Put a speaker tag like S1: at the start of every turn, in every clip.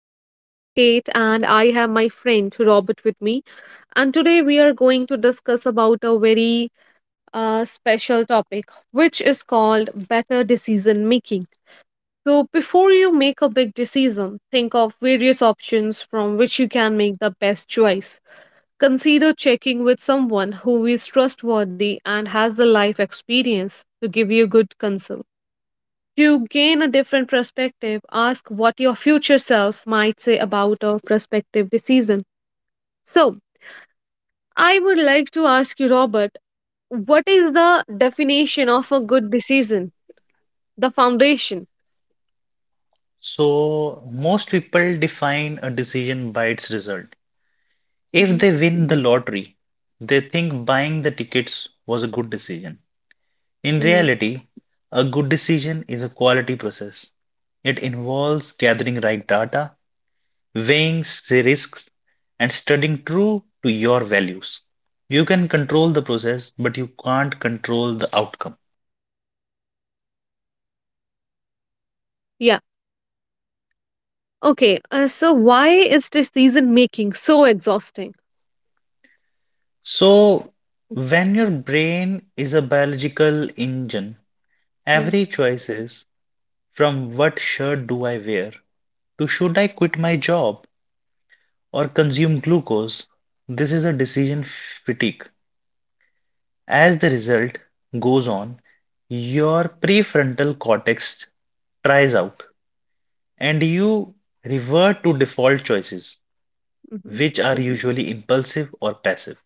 S1: I'm your host Kate, and I have my friend Robert with me. And today we are going to discuss about a very special topic, which is called better decision making. So, before you make a big decision, think of various options from which you can make the best choice. Consider checking with someone who is trustworthy and has the life experience to give you good counsel. To gain a different perspective, ask what your future self might say about a prospective decision. So, I would like to ask you, Robert, what is the definition of a good decision? The foundation.
S2: So, most people define a decision by its result. If
S1: Hmm.
S2: they win the lottery, they think buying the tickets was a good decision. In
S1: Hmm.
S2: reality, a good decision is a quality process. It involves gathering right data, weighing risks, and studying true to your values. You can control the process, but you can't control the outcome.
S1: Yeah. Okay. So, why is decision making so exhausting?
S2: So, when your brain is a biological engine,
S1: Yeah.
S2: every choice from what shirt do I wear, to should I quit my job or consume glucose? This is a decision fatigue. As the result goes on, your prefrontal cortex tries out and you revert to default choices,
S1: Hmm.
S2: which are usually impulsive or passive.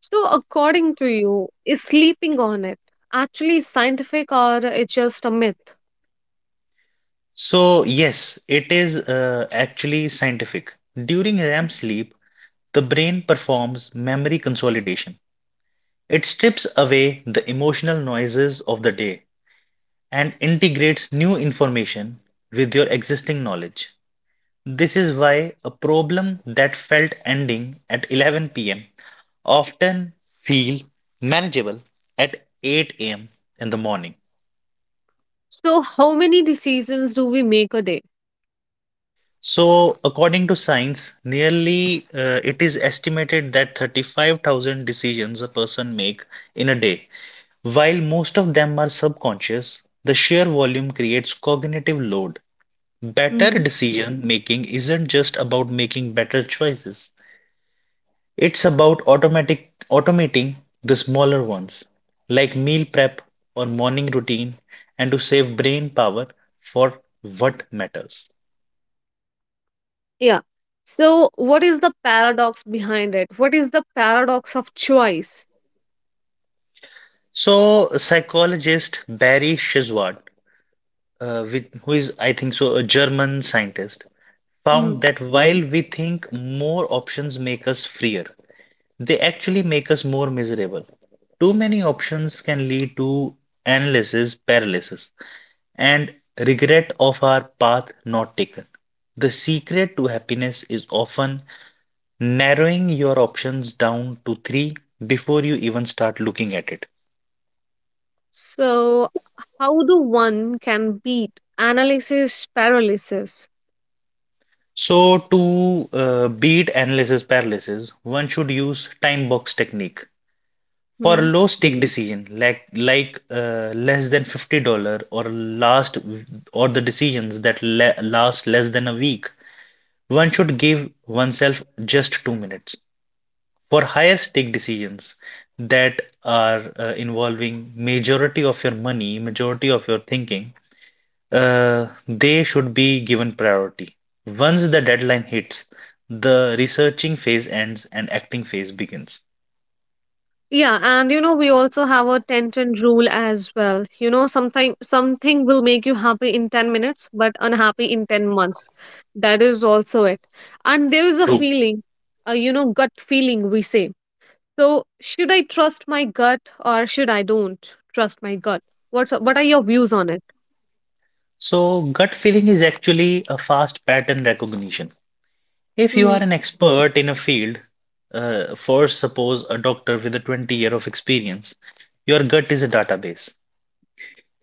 S1: So, according to you, is sleeping on it actually scientific or it's just a myth?
S2: So, yes, it is actually scientific. During REM sleep, the brain performs memory consolidation. It strips away the emotional noises of the day and integrates new information with your existing knowledge. This is why a problem that felt ending at 11 p.m. often feel manageable at 8 a.m. in the morning.
S1: So, how many decisions do we make a day?
S2: So, according to science, nearly it is estimated that 35,000 decisions a person make in a day. While most of them are subconscious, the sheer volume creates cognitive load. Better decision making isn't just about making better choices. It's about automatic automating the smaller ones, like meal prep or morning routine, and to save brain power for what matters.
S1: Yeah. So, what is the paradox behind it? What is the paradox of choice?
S2: So, psychologist Barry Shizward, with who is I think so a German scientist, found
S1: Hmm.
S2: that while we think more options make us freer, they actually make us more miserable. Too many options can lead to analysis paralysis and regret of our path not taken. The secret to happiness is often narrowing your options down to three before you even start looking at it.
S1: So, how do one can beat analysis paralysis?
S2: So, to beat analysis paralysis, one should use time box technique. For
S1: Hmm.
S2: low stake decision, like less than $50 or last or the decisions that le last less than a week, one should give oneself just 2 minutes. For higher stake decisions that are involving majority of your money, majority of your thinking, they should be given priority. Once the deadline hits, the researching phase ends and acting phase begins.
S1: Yeah, and you know we also have a ten ten rule as well. You know, something will make you happy in 10 minutes, but unhappy in 10 months. That is also it. And there is a
S2: True.
S1: feeling, gut feeling we say. So, should I trust my gut or should I don't trust my gut? What are your views on it?
S2: So, gut feeling is actually a fast pattern recognition. If you
S1: Mm-hmm.
S2: are an expert in a field, for suppose a doctor with a 20 year of experience, your gut is a database.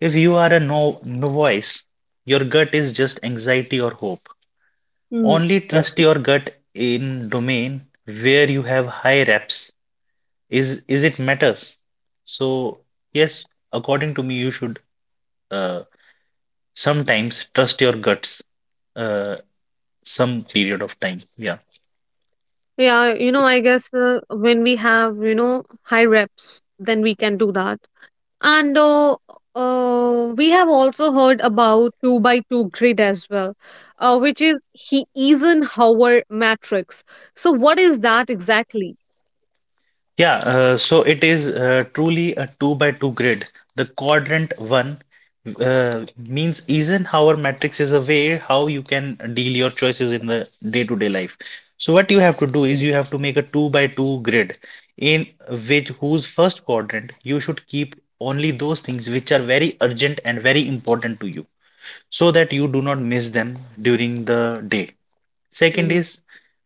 S2: If you are a no novice, your gut is just anxiety or hope.
S1: Mm.
S2: Only trust your gut in domain where you have high reps is it matters. So yes, according to me you should, uh, sometimes trust your guts, uh, some period of time, yeah.
S1: Yeah, you know, I guess when we have high reps, then we can do that. And we have also heard about two by two grid as well, which is he Eisenhower matrix. So, what is that exactly?
S2: Yeah, so it is truly a 2 by 2 grid. The quadrant 1 means Eisenhower matrix is a way how you can deal your choices in the day-to-day life. So what you have to do is you have to make a 2 by 2 grid in which whose first quadrant you should keep only those things which are very urgent and very important to you so that you do not miss them during the day. Second
S1: Mhm.
S2: is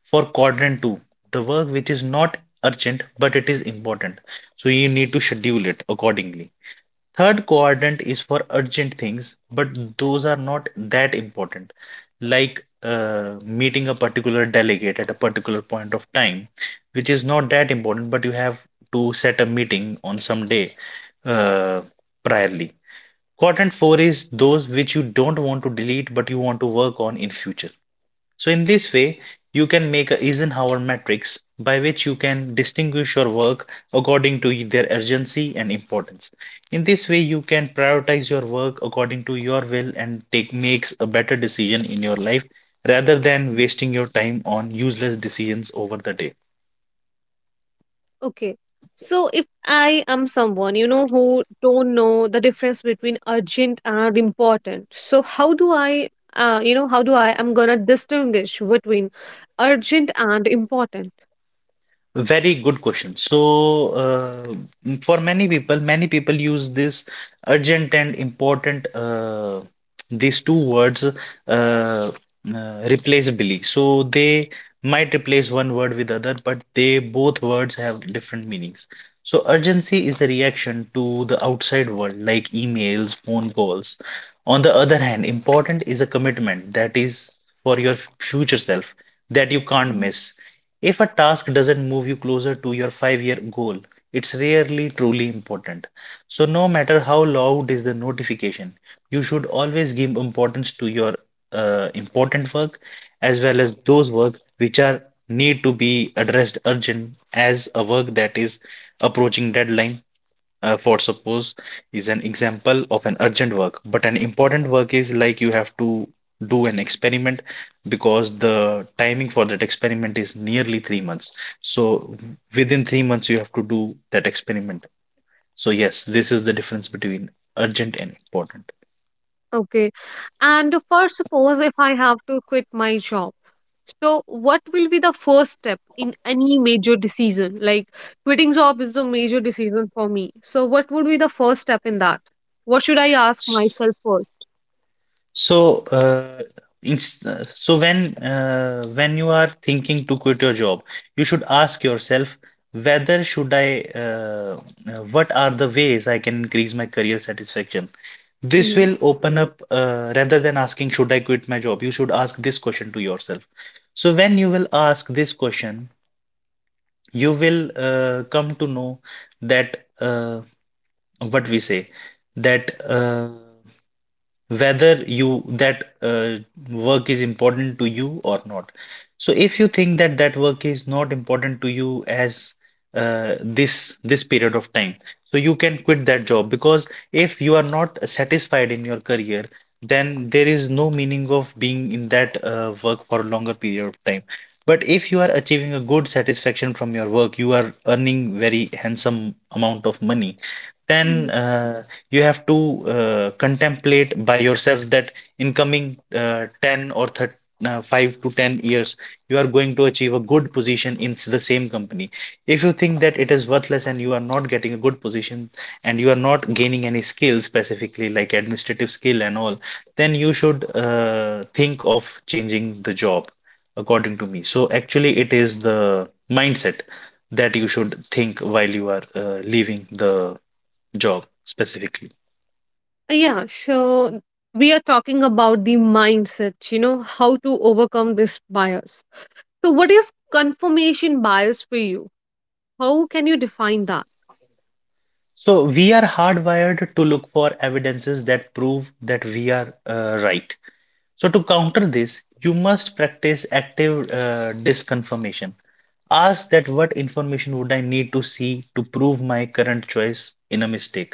S2: for quadrant two, the work which is not urgent but it is important. So you need to schedule it accordingly. Third quadrant is for urgent things, but those are not that important, like meeting a particular delegate at a particular point of time, which is not that important, but you have to set a meeting on some day uh, priorly. Quadrant 4 is those which you don't want to delete but you want to work on in future. So in this way, you can make a Eisenhower matrix by which you can distinguish your work according to their urgency and importance. In this way, you can prioritize your work according to your will and take makes a better decision in your life rather than
S1: Mm.
S2: wasting your time on useless decisions over the day.
S1: Okay. So if I am someone, who don't know the difference between urgent and important, so how do I, I'm gonna distinguish between urgent and important?
S2: Very good question. So, for many people use this urgent and important, these two words, replaceably. So, they might replace one word with other, but they both words have different meanings. So, urgency is a reaction to the outside world, like emails, phone calls. On the other hand, important is a commitment that is for your future self that you can't miss. If a task doesn't move you closer to your five-year goal, it's rarely truly important. So no matter how loud is the notification, you should always give importance to your important work as well as those work which are need to be addressed urgent as a work that is approaching deadline, for suppose, is an example of an urgent work but an important work is like you have to do an experiment because the timing for that experiment is nearly 3 months. So within 3 months you have to do that experiment. So yes, this is the difference between urgent and important.
S1: Okay. And for suppose if I have to quit my job, so what will be the first step in any major decision? Like quitting job is the major decision for me. So what would be the first step in that? What should I ask myself 1st?
S2: So, when you are thinking to quit your job, you should ask yourself whether what are the ways I can increase my career satisfaction? This
S1: Mm-hmm.
S2: will open up, rather than asking should I quit my job, you should ask this question to yourself. So when you will ask this question, you will come to know that what we say that. Whether you that work is important to you or not. So if you think that that work is not important to you as, uh, this period of time, so you can quit that job because if you are not satisfied in your career, then there is no meaning of being in that work for a longer period of time. But if you are achieving a good satisfaction from your work, you are earning very handsome amount of money, then you have to contemplate by yourself that in coming uh, 10 or thir uh, 5 to 10 years you are going to achieve a good position in the same company. If you think that it is worthless and you are not getting a good position and you are not gaining any skills specifically like administrative skill and all, then you should think of changing the job, according to me. So actually it is the mindset that you should think while you are leaving the job specifically.
S1: Yeah, so we are talking about the mindset, how to overcome this bias. So what is confirmation bias for you? How can you define that?
S2: So we are hardwired to look for evidences that prove that we are right. So to counter this, you must practice active disconfirmation. Ask that what information would I need to see to prove my current choice in a mistake.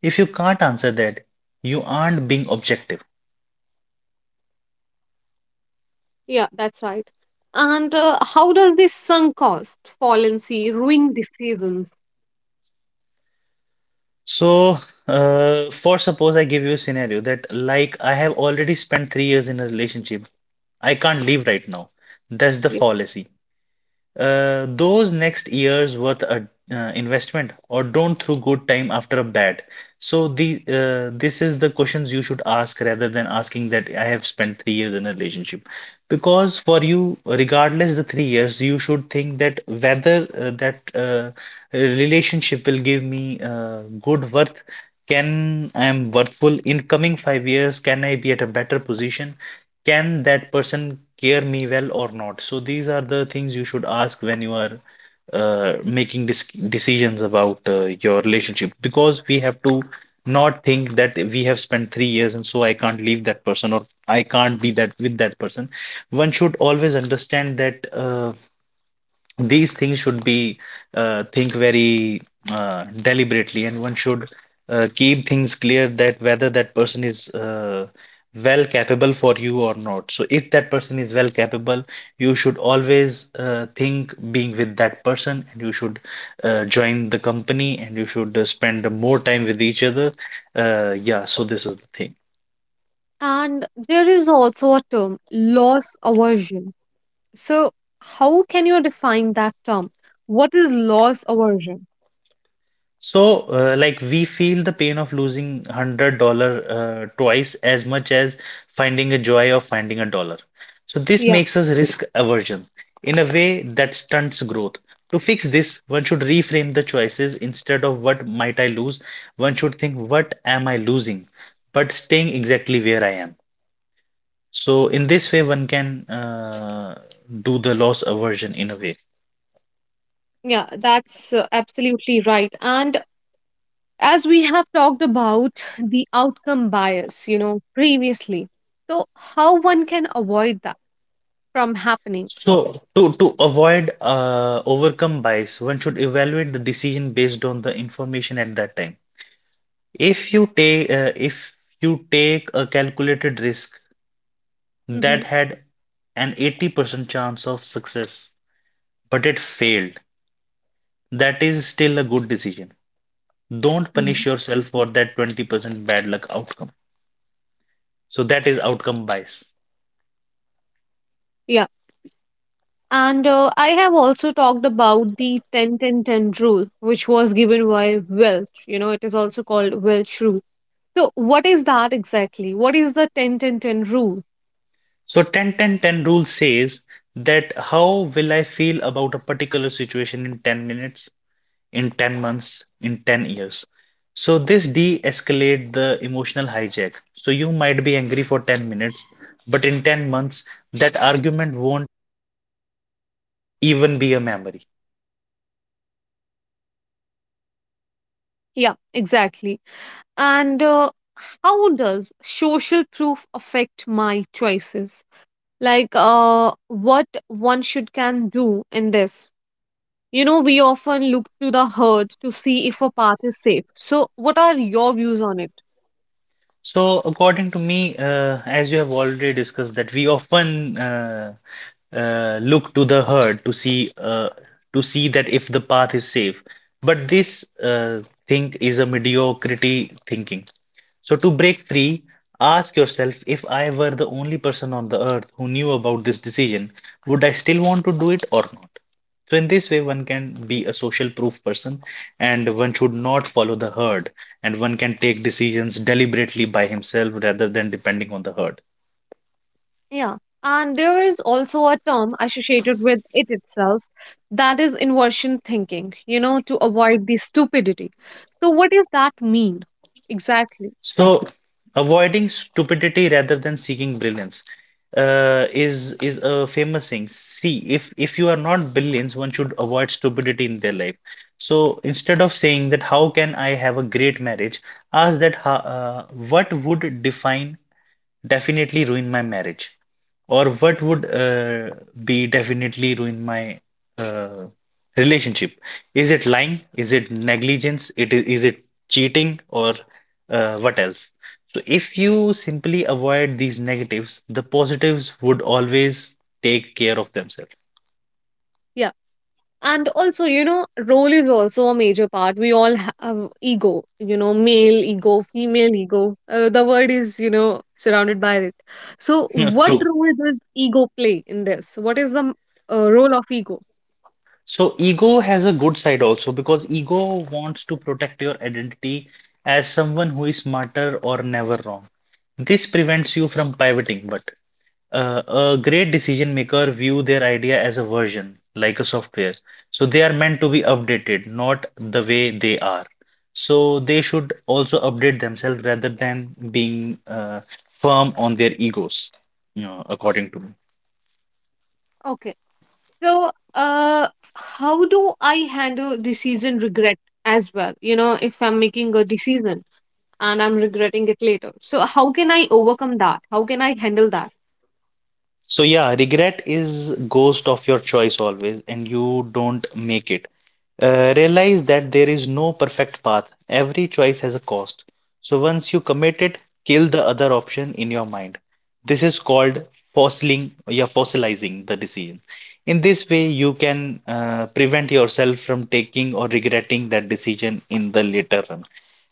S2: If you can't answer that, you aren't being objective.
S1: Yeah, that's right. And how does this sunk cost, fallacy, ruin decisions?
S2: So, for suppose I give you a scenario that like I have already spent 3 years in a relationship, I can't leave right now. That's the
S1: Yeah.
S2: fallacy. Those next year's worth a investment or don't through good time after a bad. So the this is the questions you should ask rather than asking that I have spent 3 years in a relationship. Because for you, regardless the 3 years, you should think that whether that relationship will give me good worth, can I am worthful in coming 5 years, can I be at a better position? Can that person care me well or not? So these are the things you should ask when you are making dis decisions about your relationship because we have to not think that we have spent 3 years and so I can't leave that person or I can't be that with that person. One should always understand that. These things should be think very deliberately and one should keep things clear that whether that person is well capable for you or not. So if that person is well capable you should always think being with that person and you should join the company and you should spend more time with each other, yeah, so this is the thing.
S1: And there is also a term, loss aversion. So, how can you define that term? What is loss aversion?
S2: So, like we feel the pain of losing $100, twice as much as finding a joy of finding a dollar. So, this
S1: Yeah,
S2: makes us risk aversion in a way that stunts growth. To fix this, one should reframe the choices instead of what might I lose, one should think what am I losing, but staying exactly where I am. So, in this way, one can do the loss aversion in a way.
S1: yeah, that's absolutely right. And as we have talked about the outcome bias, previously, so how one can avoid that from happening?
S2: So, to avoid overcome bias, one should evaluate the decision based on the information at that time. If you take a calculated risk
S1: Hmm.
S2: that had an 80% chance of success, but it failed, that is still a good decision. Don't
S1: Hmm.
S2: punish yourself for that 20% bad luck outcome. So that is outcome bias.
S1: Yeah. And I have also talked about the 10-10-10 rule, which was given by Welch. It is also called Welch rule. So, what is that exactly? What is the 10-10-10 rule?
S2: So ten ten ten rule says that how will I feel about a particular situation in 10 minutes? In 10 months, in 10 years. So this de-escalate the emotional hijack. So you might be angry for 10 minutes, but in 10 months, that argument won't even be a memory.
S1: Yeah, exactly. And how does social proof affect my choices? Like, what one should can do in this? We often look to the herd to see if a path is safe. So, what are your views on it?
S2: So, according to me, as you have already discussed, that we often look to the herd to see that if the path is safe. But this thing is a mediocrity thinking. So, to break free, ask yourself if I were the only person on the earth who knew about this decision, would I still want to do it or not? So, in this way, one can be a social proof person and one should not follow the herd, and one can take decisions deliberately by himself rather than depending on the herd.
S1: Yeah. And there is also a term associated with it itself that is inversion thinking, to avoid the stupidity. So, what does that mean exactly?
S2: So, avoiding stupidity rather than seeking brilliance is a famous thing. See, if you are not brilliant, one should avoid stupidity in their life. So instead of saying that how can I have a great marriage, ask that how, what would define definitely ruin my marriage, or what would be definitely ruin my uh, relationship. Is it lying? Is it negligence? Is it cheating or what else? So if you simply avoid these negatives, the positives would always take care of themselves.
S1: Yeah. And also, role is also a major part. We all have ego, male ego, female ego. The word is, surrounded by it. So, what
S2: True.
S1: role does ego play in this? What is the role of ego?
S2: So ego has a good side also, because ego wants to protect your identity as someone who is smarter or never wrong. This prevents you from pivoting, but a great decision maker view their idea as a version, like a software. So they are meant to be updated, not the way they are. So they should also update themselves rather than being firm on their egos, you know, according to me.
S1: Okay. So, how do I handle decision regret as well? If I'm making a decision and I'm regretting it later. So, how can I overcome that? How can I handle that?
S2: So yeah, regret is ghost of your choice always, and you don't make it. Realize that there is no perfect path. Every choice has a cost. So once you commit it, kill the other option in your mind. This is called fossiling, yeah, fossilizing the decision. In this way, you can prevent yourself from taking or regretting that decision in the later run.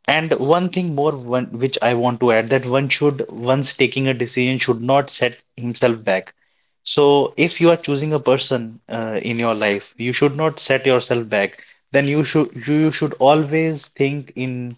S2: And one thing more, one which I want to add, that one should, once taking a decision, should not set himself back. So, if you are choosing a person in your life, you should not set yourself back. Then you should always think in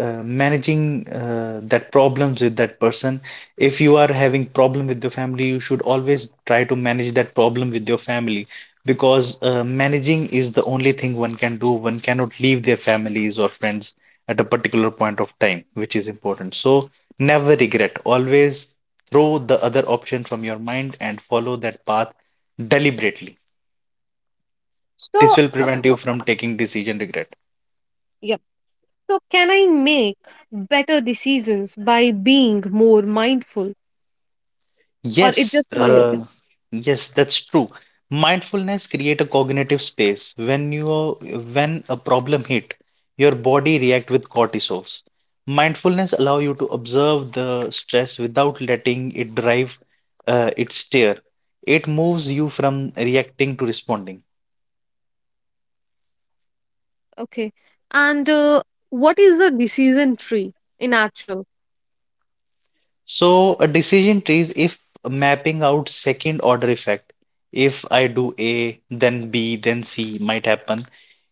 S2: managing that problems with that person. If you are having problem with your family, you should always try to manage that problem with your family, because managing is the only thing one can do. One cannot leave their families or friends at a particular point of time, which is important. So never regret. Always throw the other option from your mind and follow that path deliberately. This
S1: So,
S2: will prevent you from taking decision regret.
S1: yep. So, can I make better decisions by being more mindful, or it
S2: Yes,
S1: just a myth?
S2: yes, that's true. Mindfulness create a cognitive space. When a problem hit, your body react with cortisols. Mindfulness allow you to observe the stress without letting it drive its steer. It moves you from reacting to responding.
S1: Okay. And what is a decision tree in actual?
S2: So a decision tree is if mapping out second order effect. If I do A, then B, then C might happen.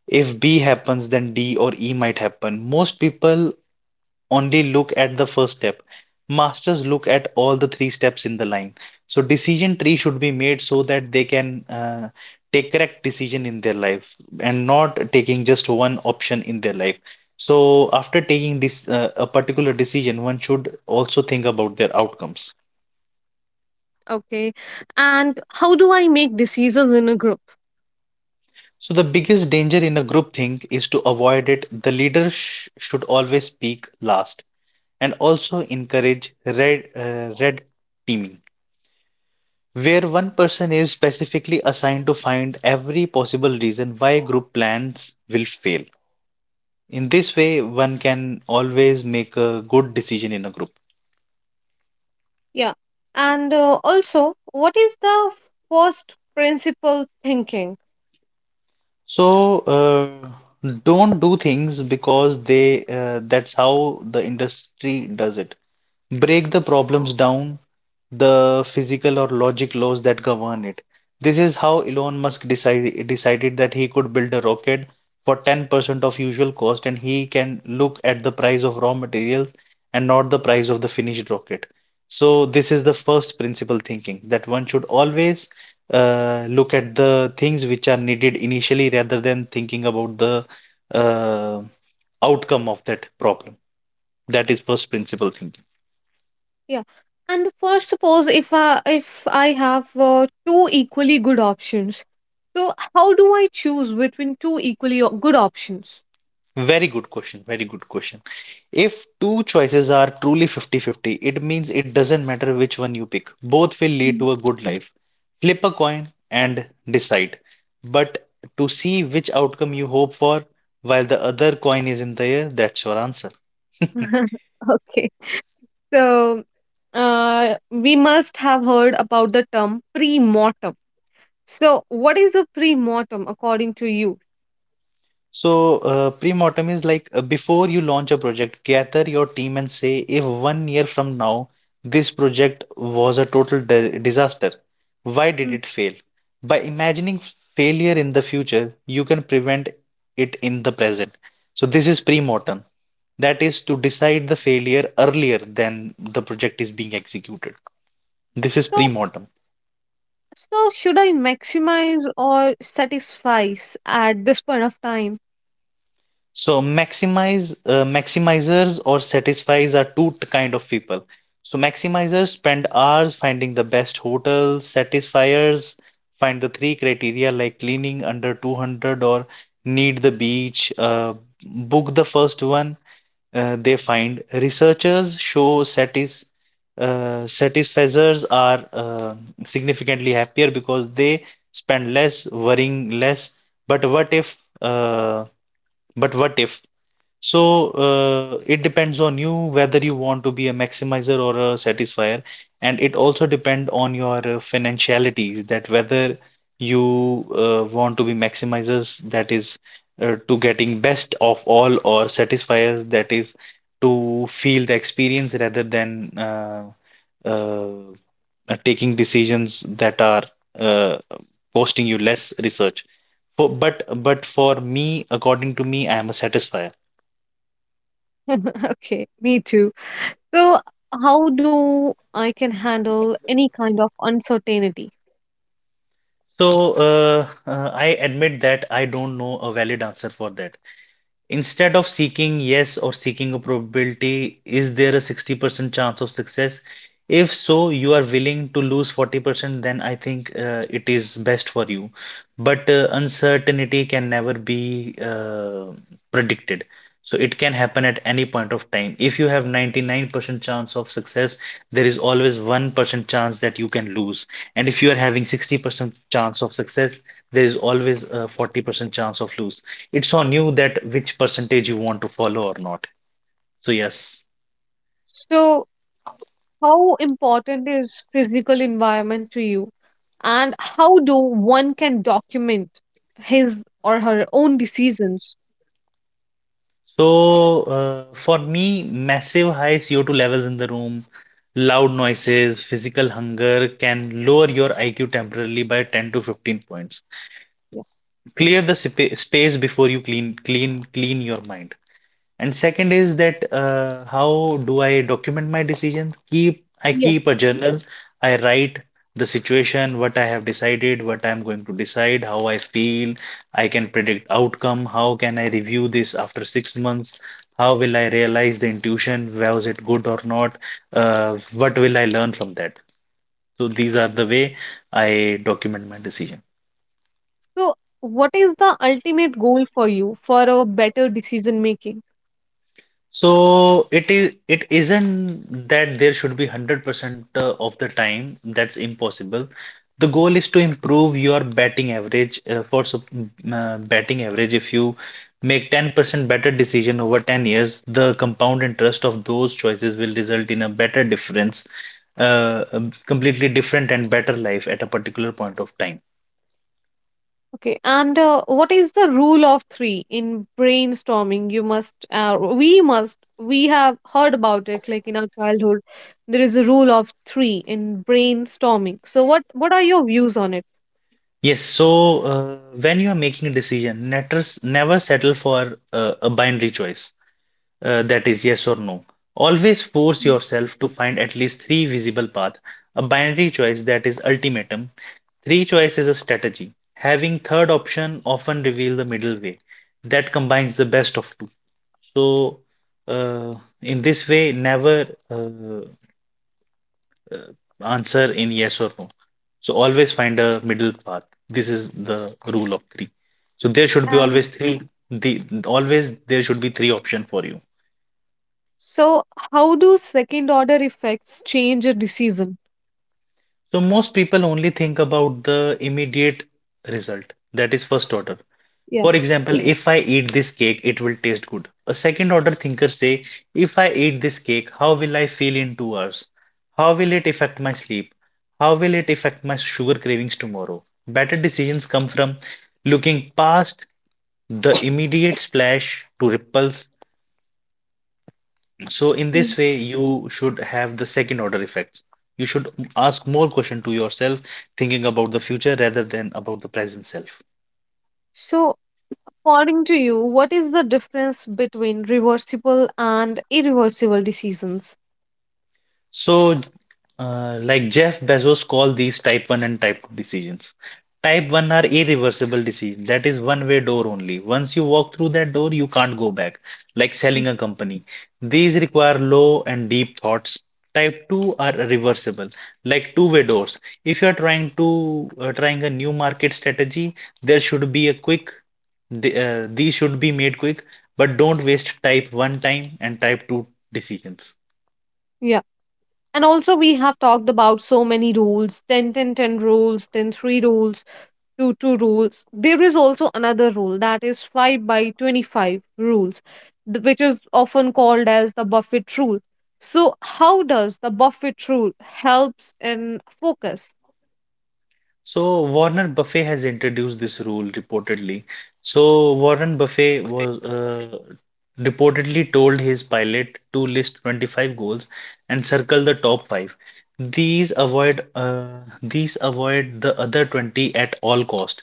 S2: If B happens, then D or E might happen. Most people only look at the first step. Masters look at all the three steps in the line. So decision tree should be made so that they can take correct decision in their life and not taking just one option in their life. So after taking this a particular decision, one should also think about their outcomes.
S1: Okay. And how do I make decisions in a group?
S2: So the biggest danger in a group think is to avoid it. The leader sh should always speak last and also encourage red teaming, where one person is specifically assigned to find every possible reason why group plans will fail. In this way, one can always make a good decision in a group.
S1: Yeah. And also, what is the first principle thinking?
S2: So, don't do things because they that's how the industry does it. Break the problems down the physical or logic laws that govern it. This is how Elon Musk decided that he could build a rocket for 10% of usual cost, and he can look at the price of raw materials and not the price of the finished rocket. So, this is the first principle thinking, that one should always look at the things which are needed initially rather than thinking about the uh, outcome of that problem. That is first principle thinking.
S1: Yeah. And first, suppose if I have two equally good options, so how do I choose between two equally good options?
S2: Very good question. Very good question. If two choices are truly 50-50, it means it doesn't matter which one you pick. Both will lead
S1: Mm.
S2: to a good life. Flip a coin and decide. But to see which outcome you hope for while the other coin is in the air, that's your answer.
S1: Okay. So, we must have heard about the term pre-mortem. So, what is a pre-mortem according to you?
S2: So, pre-mortem is like before you launch a project, gather your team and say, if 1 year from now this project was a total disaster, why did
S1: Mm.
S2: it fail? By imagining failure in the future, you can prevent it in the present. So, this is pre-mortem. That is to decide the failure earlier than the project is being executed. This is pre-mortem.
S1: So, should I maximize or satisfice at this point of time?
S2: So maximizers or satisfies are kind of people. So maximizers spend hours finding the best hotels, satisfiers find the three criteria like cleaning under 200 or need the beach, book the first one they find. Researchers show satisfacers are significantly happier because they spend less, worrying less. But what if uh, but what if so, it depends on you whether you want to be a maximizer or a satisfier, and it also depend on your financialities, that whether you want to be maximizers, that is to getting best of all, or satisfiers, that is to feel the experience rather than uh, taking decisions that are uh, costing you less research. But for me, according to me, I am a satisfier.
S1: Okay, me too. So, how do I can handle any kind of uncertainty?
S2: So I admit that I don't know a valid answer for that. Instead of seeking yes or seeking a probability, is there a 60% chance of success? If so, you are willing to lose 40%, then I think it is best for you. But uncertainty can never be predicted. So it can happen at any point of time. If you have 99% chance of success, there is always 1% chance that you can lose. And if you are having 60% chance of success, there is always a 40% chance of lose. It's on you that which percentage you want to follow or not. So yes.
S1: So, how important is physical environment to you? And how do one can document his or her own decisions?
S2: So for me, massive high CO2 levels in the room, loud noises, physical hunger can lower your IQ temporarily by 10 to 15 points.
S1: Yeah.
S2: Clear the sp space before you clean your mind. And second is that how do I document my decisions?
S1: Yeah.
S2: Keep a journal. I write the situation, what I have decided, what I'm going to decide, how I feel. I can predict outcome. How can I review this after 6 months? How will I realize the intuition? Was it good or not? What will I learn from that? So these are the way I document my decision.
S1: So, what is the ultimate goal for you for a better decision making?
S2: So it isn't that there should be 100% of the time. That's impossible. The goal is to improve your batting average batting average. If you make 10% better decision over 10 years, the compound interest of those choices will result in a better difference completely different and better life at a particular point of time.
S1: Okay, and what is the rule of three in brainstorming? You must, we must, we have heard about it, like in our childhood, there is a rule of three in brainstorming. So, what are your views on it?
S2: Yes, so when you are making a decision, netters never settle for a binary choice. That is yes or no. Always force
S1: Mm.
S2: yourself to find at least three visible paths. A binary choice that is ultimatum. Three choice is a strategy. Having third option often reveal the middle way that combines the best of two. So, uh, in this way, never answer in yes or no. So always find a middle path. This is the rule of three. So there should be
S1: And
S2: always three. The always there should be three option for you.
S1: so, how do second order effects change a decision?
S2: So most people only think about the immediate result, that is first order.
S1: Yeah.
S2: For example, if I eat this cake, it will taste good. A second order thinker say, if I eat this cake, how will I feel in 2 hours? How will it affect my sleep? How will it affect my sugar cravings tomorrow? Better decisions come from looking past the immediate splash to ripples. So in
S1: Mm.
S2: this way, you should have the second order effects. You should ask more question to yourself, thinking about the future rather than about the present self.
S1: So, according to you, what is the difference between reversible and irreversible decisions?
S2: So, like Jeff Bezos called these type 1 and type 2 decisions. Type 1 are irreversible decisions. That is one way door only. Once you walk through that door, you can't go back, like
S1: Mm.
S2: selling a company. These require low and deep thoughts. Type 2 are reversible, like two-way doors. If you are trying a new market strategy, there should be a quick these should be made quick, but don't waste type 1 time and type 2 decisions.
S1: Yeah. And also, we have talked about so many rules 10-10-10 rules, then 3 rules, 2 2 rules. There is also another rule that is 5 by 25 rules, which is often called as the Buffett rule. So, how does the Buffett rule helps in focus?
S2: So Warren Buffett has introduced this rule reportedly. So Warren Buffett was reportedly told his pilot to list 25 goals and circle the top five. These avoid the other 20 at all cost.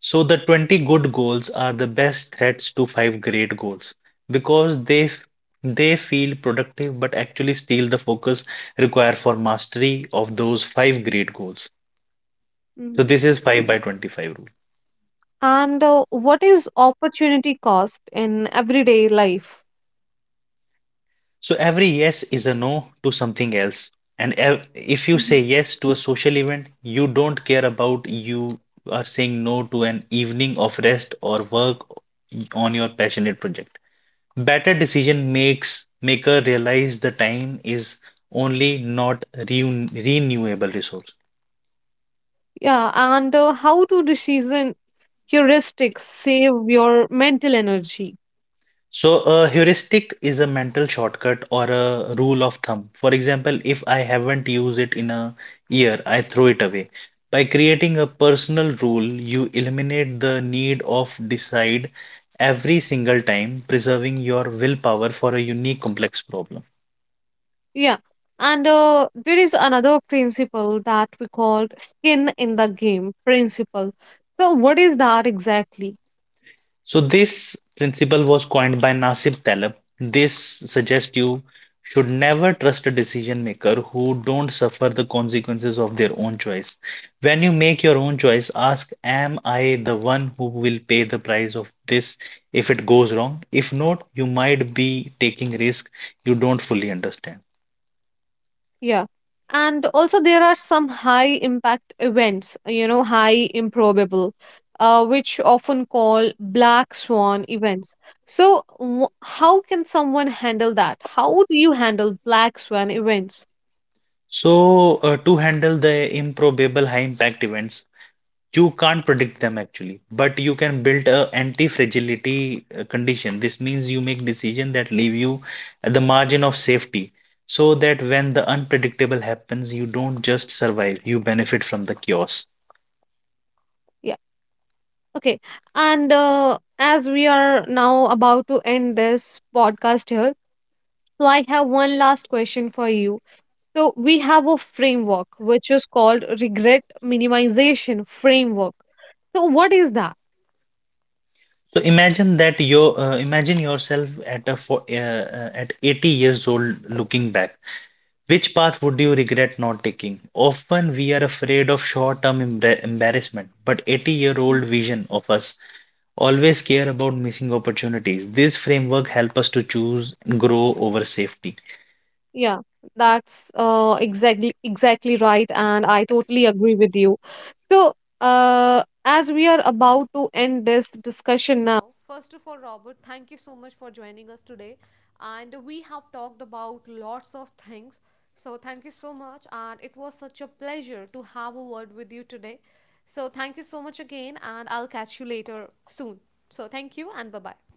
S2: So the 20 good goals are the best threats to five great goals, because they feel productive but actually steal the focus required for mastery of those five great goals. So
S1: Mhm.
S2: this is 5 by 25 rule.
S1: And what is opportunity cost in everyday life?
S2: So every yes is a no to something else. If you say
S1: Mhm.
S2: yes to a social event, you don't care about. You are saying no to an evening of rest or work on your passionate project. Better decision makes maker realize the time is only not reun renewable resource.
S1: Yeah, and how to decision heuristics save your mental energy?
S2: So, a heuristic is a mental shortcut or a rule of thumb. For example, if I haven't used it in a year, I throw it away. By creating a personal rule, you eliminate the need of decide every single time, preserving your willpower for a unique complex problem.
S1: Yeah. And there is another principle that we called skin in the game principle. So, what is that exactly?
S2: So this principle was coined by Nasib Taleb. This suggests you should never trust a decision maker who don't suffer the consequences of their own choice. When you make your own choice, ask, am I the one who will pay the price of this if it goes wrong? If not, you might be taking risk you don't fully understand.
S1: Yeah. And also, there are some high impact events, high improbable, which often call black swan events. So, how can someone handle that? How do you handle black swan events?
S2: So, to handle the improbable high impact events, you can't predict them actually, but you can build a anti-fragility condition. This means you make decisions that leave you at the margin of safety, so that when the unpredictable happens, you don't just survive, you benefit from the chaos.
S1: Yeah. Okay. And as we are now about to end this podcast here, so I have one last question for you. So we have a framework which is called regret minimization framework. So what is that?
S2: So imagine yourself at a fo at 80 years old looking back. Which path would you regret not taking? Often we are afraid of short-term embarrassment, but 80-year-old vision of us always care about missing opportunities. This framework helps us to choose and grow over safety.
S1: Yeah, that's exactly right, and I totally agree with you. So, as we are about to end this discussion now, first of all, Robert, thank you so much for joining us today. And we have talked about lots of things. So, thank you so much. And it was such a pleasure to have a word with you today. So, thank you so much again. And I'll catch you later soon. So, thank you and bye bye.